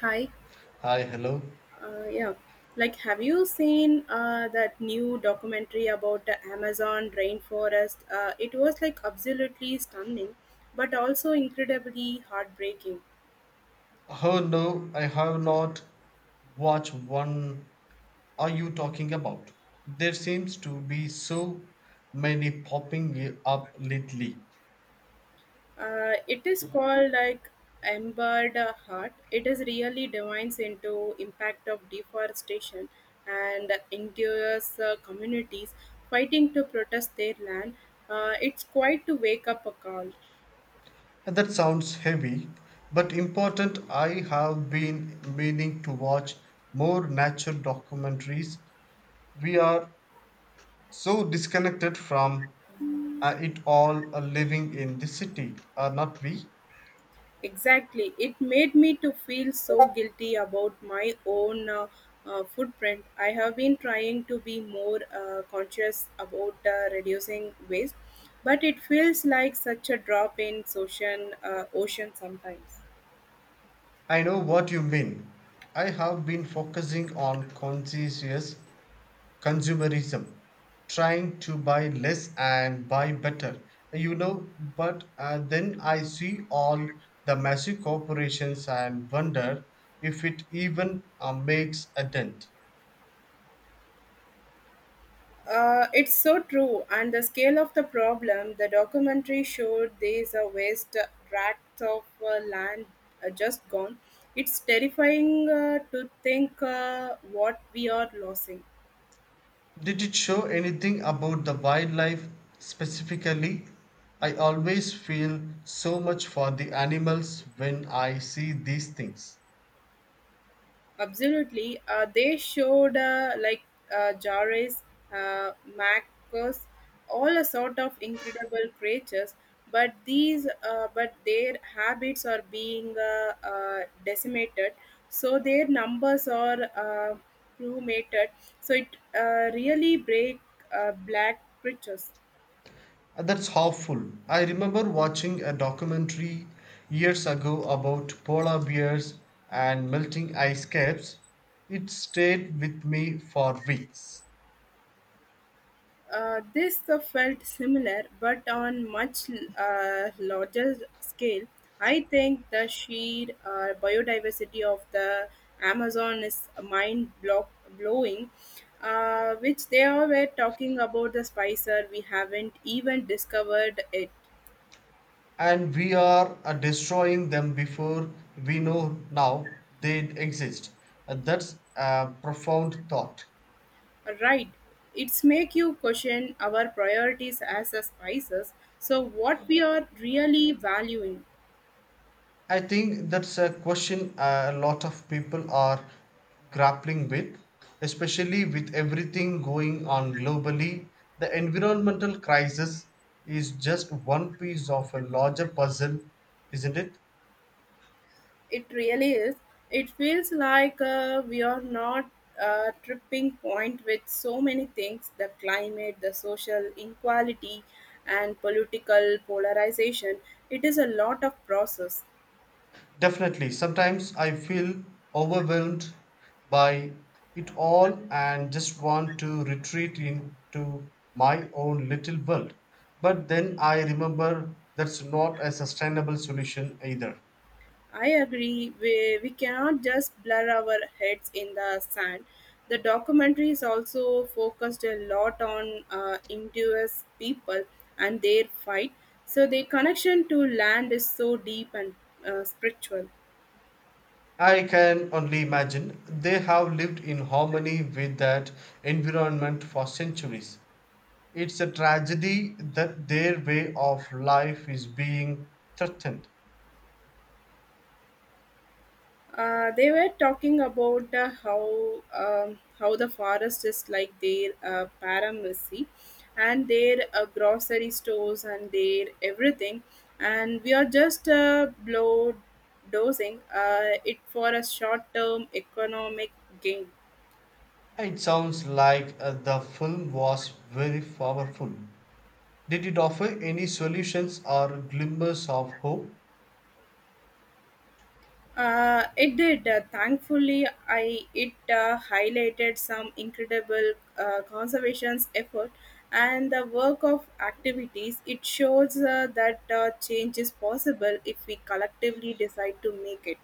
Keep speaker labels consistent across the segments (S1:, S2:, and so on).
S1: Hi,
S2: Hi, hello.
S1: yeah. Have you seen that new documentary about the Amazon rainforest? It was absolutely stunning, but also incredibly heartbreaking.
S2: Oh no, I have not watched one. Are you talking about? There seems to be so many popping up lately.
S1: It is called Embedded Heart. It is really divines into impact of deforestation and indigenous communities fighting to protest their land. It's quite to wake up a call.
S2: And that sounds heavy, but important. I have been meaning to watch more nature documentaries. We are so disconnected from it all, living in the city, are not we?
S1: Exactly. It made me to feel so guilty about my own footprint. I have been trying to be more conscious about reducing waste, but it feels like such a drop in ocean sometimes.
S2: I know what you mean. I have been focusing on conscientious consumerism, trying to buy less and buy better. But then I see all the massive corporations and wonder if it even makes a dent.
S1: It's so true, and the scale of the problem, the documentary showed there's a waste tract of land just gone. It's terrifying to think what we are losing.
S2: Did it show anything about the wildlife specifically? I always feel so much for the animals when I see these things.
S1: Absolutely. They showed Jares, Macos, all a sort of incredible creatures. But their habits are being decimated. So their numbers are plummeted. So it really break black creatures.
S2: That's harmful. I remember watching a documentary years ago about polar bears and melting ice caps. It stayed with me for weeks.
S1: This felt similar, but on much larger scale. I think the sheer biodiversity of the Amazon is blowing, which they all were talking about the Spicer. We haven't even discovered it.
S2: And we are destroying them before we know now they exist. That's a profound thought.
S1: Right. It's make you question our priorities as a spices. So what we are really valuing.
S2: I think that's a question a lot of people are grappling with, especially with everything going on globally. The environmental crisis is just one piece of a larger puzzle, isn't it?
S1: It really is. It feels like we are not a tripping point with so many things the climate, the social inequality, and political polarization. It is a lot of process.
S2: Definitely. Sometimes I feel overwhelmed by it all and just want to retreat into my own little world. But then I remember that's not a sustainable solution either.
S1: I agree, we cannot just blur our heads in the sand. The documentary is also focused a lot on indigenous people and their fight. So, their connection to land is so deep and spiritual.
S2: I can only imagine they have lived in harmony with that environment for centuries. It's a tragedy that their way of life is being threatened.
S1: They were talking about how the forest is like their paramesy and their grocery stores and their everything and we are just blow dosing it for a short term economic gain.
S2: It sounds like the film was very powerful. Did it offer any solutions or glimmers of hope?
S1: It did. Thankfully, I it highlighted some incredible conservation's effort and the work of activities. It shows that change is possible if we collectively decide to make it.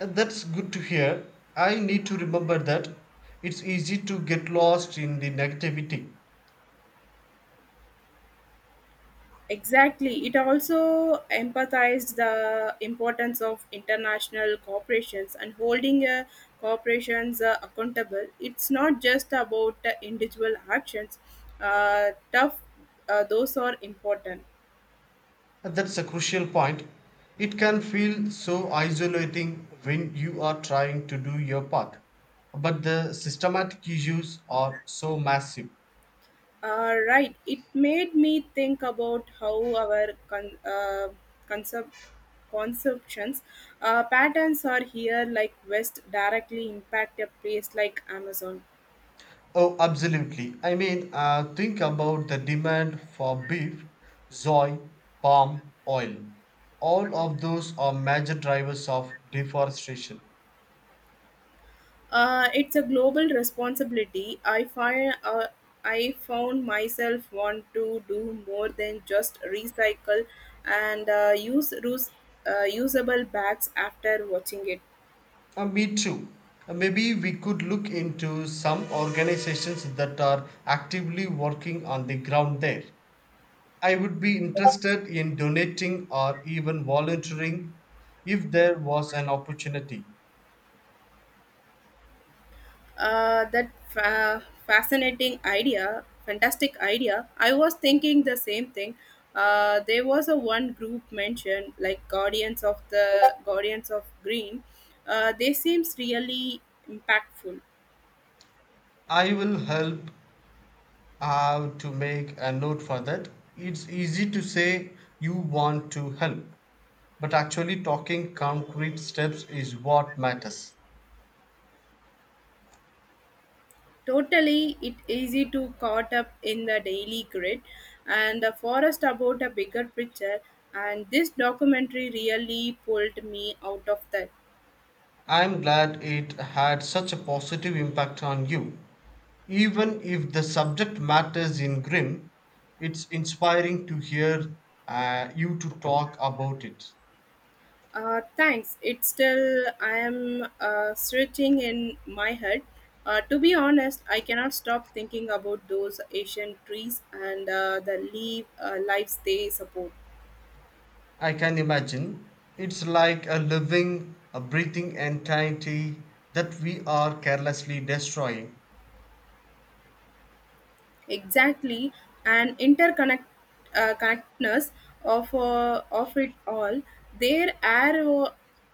S2: That's good to hear. I need to remember that it's easy to get lost in the negativity.
S1: Exactly. It also emphasized the importance of international corporations and holding corporations accountable. It's not just about individual actions. Tough, those are important.
S2: That's a crucial point. It can feel so isolating when you are trying to do your part. But the systematic issues are so massive.
S1: Right. It made me think about how our concept consumptions patterns are here like west directly impact a place like amazon.
S2: Oh, absolutely. I mean, think about the demand for beef, soy, palm oil. All of those are major drivers of deforestation.
S1: It's a global responsibility. I found myself want to do more than just recycle and usable bags after watching it.
S2: Me too. Maybe we could look into some organizations that are actively working on the ground there. I would be interested in donating or even volunteering if there was an opportunity.
S1: Fascinating idea, fantastic idea. I was thinking the same thing. There was a one group mentioned like Guardians of Green. They seems really impactful.
S2: I will help out to make a note for that. It's easy to say you want to help, but actually talking concrete steps is what matters.
S1: Totally, it easy to caught up in the daily grid and the forest about a bigger picture. And this documentary really pulled me out of that.
S2: I'm glad it had such a positive impact on you. Even if the subject matters in grim, it's inspiring to hear you to talk about it.
S1: Thanks. It's still I am searching in my head. To be honest, I cannot stop thinking about those Asian trees and the leaf lives they support.
S2: I can imagine. It's like a living, a breathing entity that we are carelessly destroying.
S1: Exactly, an interconnect connectedness of it all. Their air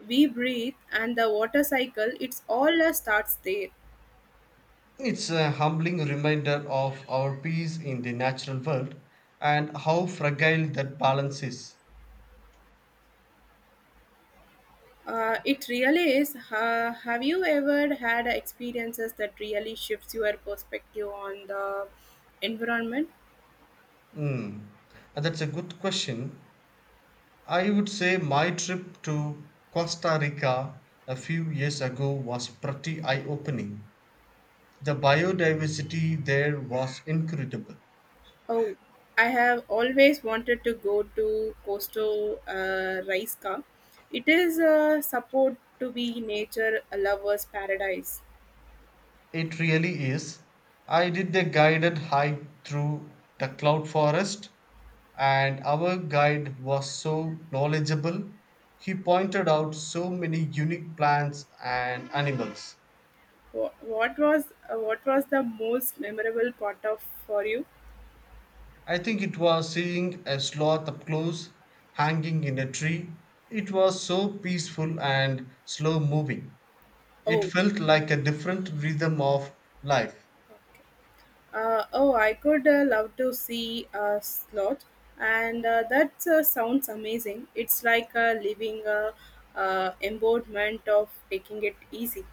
S1: we breathe and the water cycle. It's all starts there.
S2: It's a humbling reminder of our peace in the natural world and how fragile that balance is.
S1: It really is. Have you ever had experiences that really shifts your perspective on the environment?
S2: Hmm. And that's a good question. I would say my trip to Costa Rica a few years ago was pretty eye opening. The biodiversity there was incredible.
S1: Oh, I have always wanted to go to Costa Rica. It is supposed to be nature lovers' paradise.
S2: It really is. I did a guided hike through the cloud forest, and our guide was so knowledgeable. He pointed out so many unique plants and animals.
S1: What was the most memorable part of for you?
S2: I think it was seeing a sloth up close hanging in a tree. It was so peaceful and slow moving. It
S1: Oh,
S2: felt like a different rhythm of life.
S1: oh, I could love to see a slot, and that sounds amazing. It's like living a embodiment of taking it easy.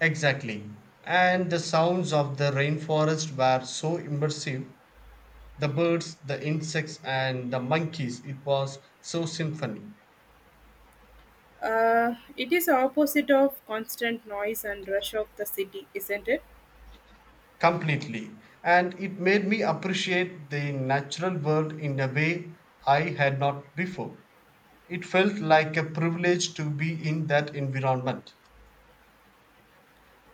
S2: Exactly. And the sounds of the rainforest were so immersive. The birds, the insects, and the monkeys, it was so symphony,
S1: It is opposite of constant noise and rush of the city, isn't it?
S2: completely. And it made me appreciate the natural world in a way I had not before. It felt like a privilege to be in that environment.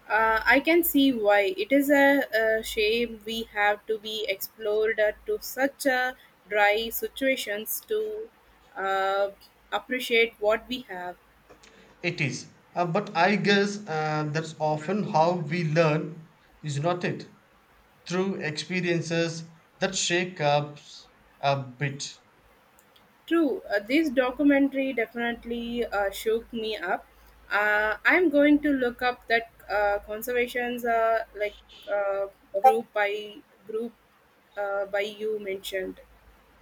S1: I can see why. It is a shame we have to be explored to such a dry situations to uh, appreciate what we have.
S2: It is. But I guess that's often how we learn, is not it? Through experiences that shake us a bit.
S1: True, this documentary definitely shook me up. I'm going to look up that conservations uh, group group by you mentioned.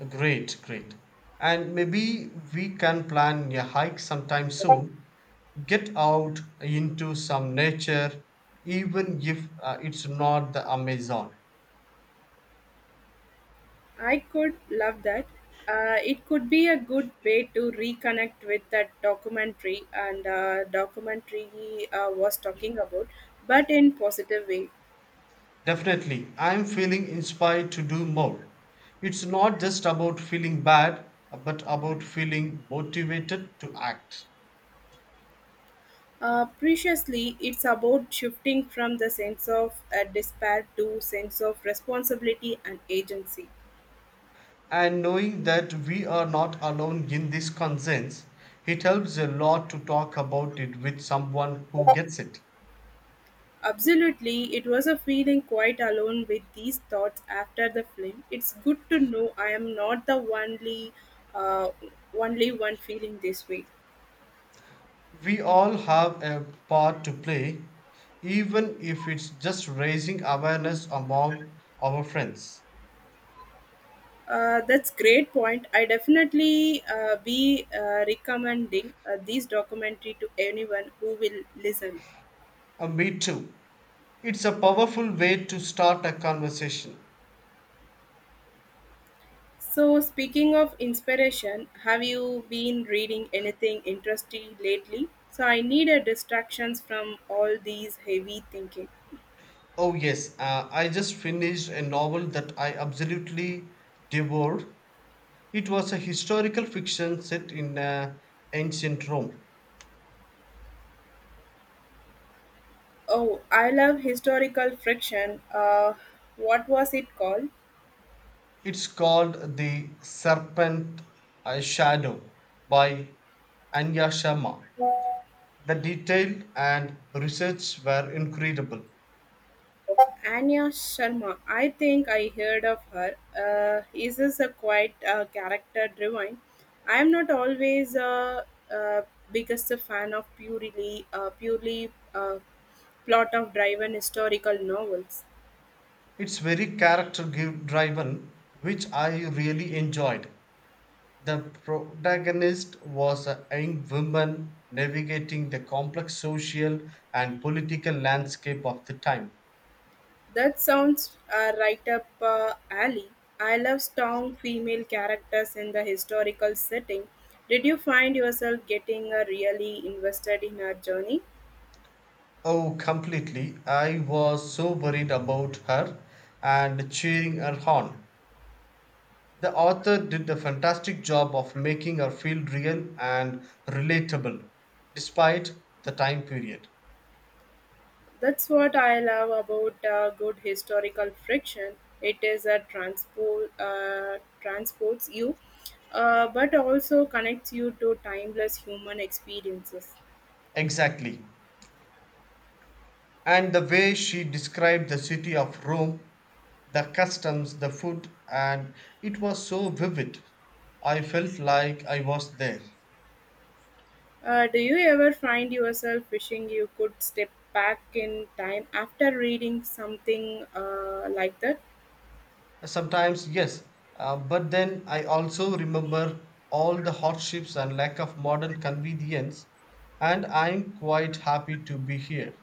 S2: Great, great. And maybe we can plan a hike sometime soon. Get out into some nature, even if it's not the Amazon.
S1: I could love that. It could be a good way to reconnect with that documentary and documentary he was talking about, but in positive way.
S2: Definitely, I'm feeling inspired to do more. It's not just about feeling bad, but about feeling motivated to act.
S1: Preciously, it's about shifting from the sense of despair to sense of responsibility and agency.
S2: And knowing that we are not alone in this concerns, it helps a lot to talk about it with someone who gets it.
S1: Absolutely, it was a feeling quite alone with these thoughts after the film. It's good to know I am not the uh, only one feeling this way.
S2: We all have a part to play, even if it's just raising awareness among our friends.
S1: That's great point. I definitely be recommending this documentary to anyone who will listen.
S2: And me too. It's a powerful way to start a conversation.
S1: So, speaking of inspiration, have you been reading anything interesting lately? So, I need a distractions from all these heavy thinking.
S2: Oh, yes, I just finished a novel that I absolutely devoured. It was a historical fiction set in ancient Rome.
S1: Oh, I love historical friction. What was it called?
S2: It's called The Serpent Shadow by Anya Sharma. The detail and research were incredible.
S1: Anya Sharma, I think I heard of her. Is this a quite character driven? I am not always a uh, uh, biggest fan of purely plot of driven historical novels.
S2: It's very character driven, which I really enjoyed. The protagonist was a young woman navigating the complex social and political landscape of the time.
S1: That sounds right up alley. I love strong female characters in the historical setting. Did you find yourself getting really invested in her journey?
S2: Oh, completely. I was so worried about her and cheering her on. The author did a fantastic job of making her feel real and relatable despite the time period.
S1: That's what I love about good historical fiction. It is a transports you, but also connects you to timeless human experiences.
S2: Exactly. And the way she described the city of Rome, the customs, the food, and it was so vivid. I felt like I was there.
S1: Do you ever find yourself wishing you could step back in time after reading something like that?
S2: Sometimes, yes, but then I also remember all the hardships and lack of modern convenience, and I'm quite happy to be here.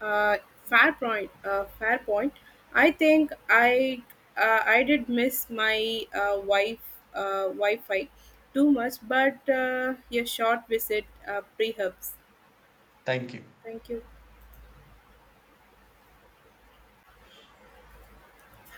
S1: Uh, Fair point. Fair point. I think I did miss my wife Wi-Fi too much, but a short visit pre-hubs.
S2: Thank you.
S1: Thank you.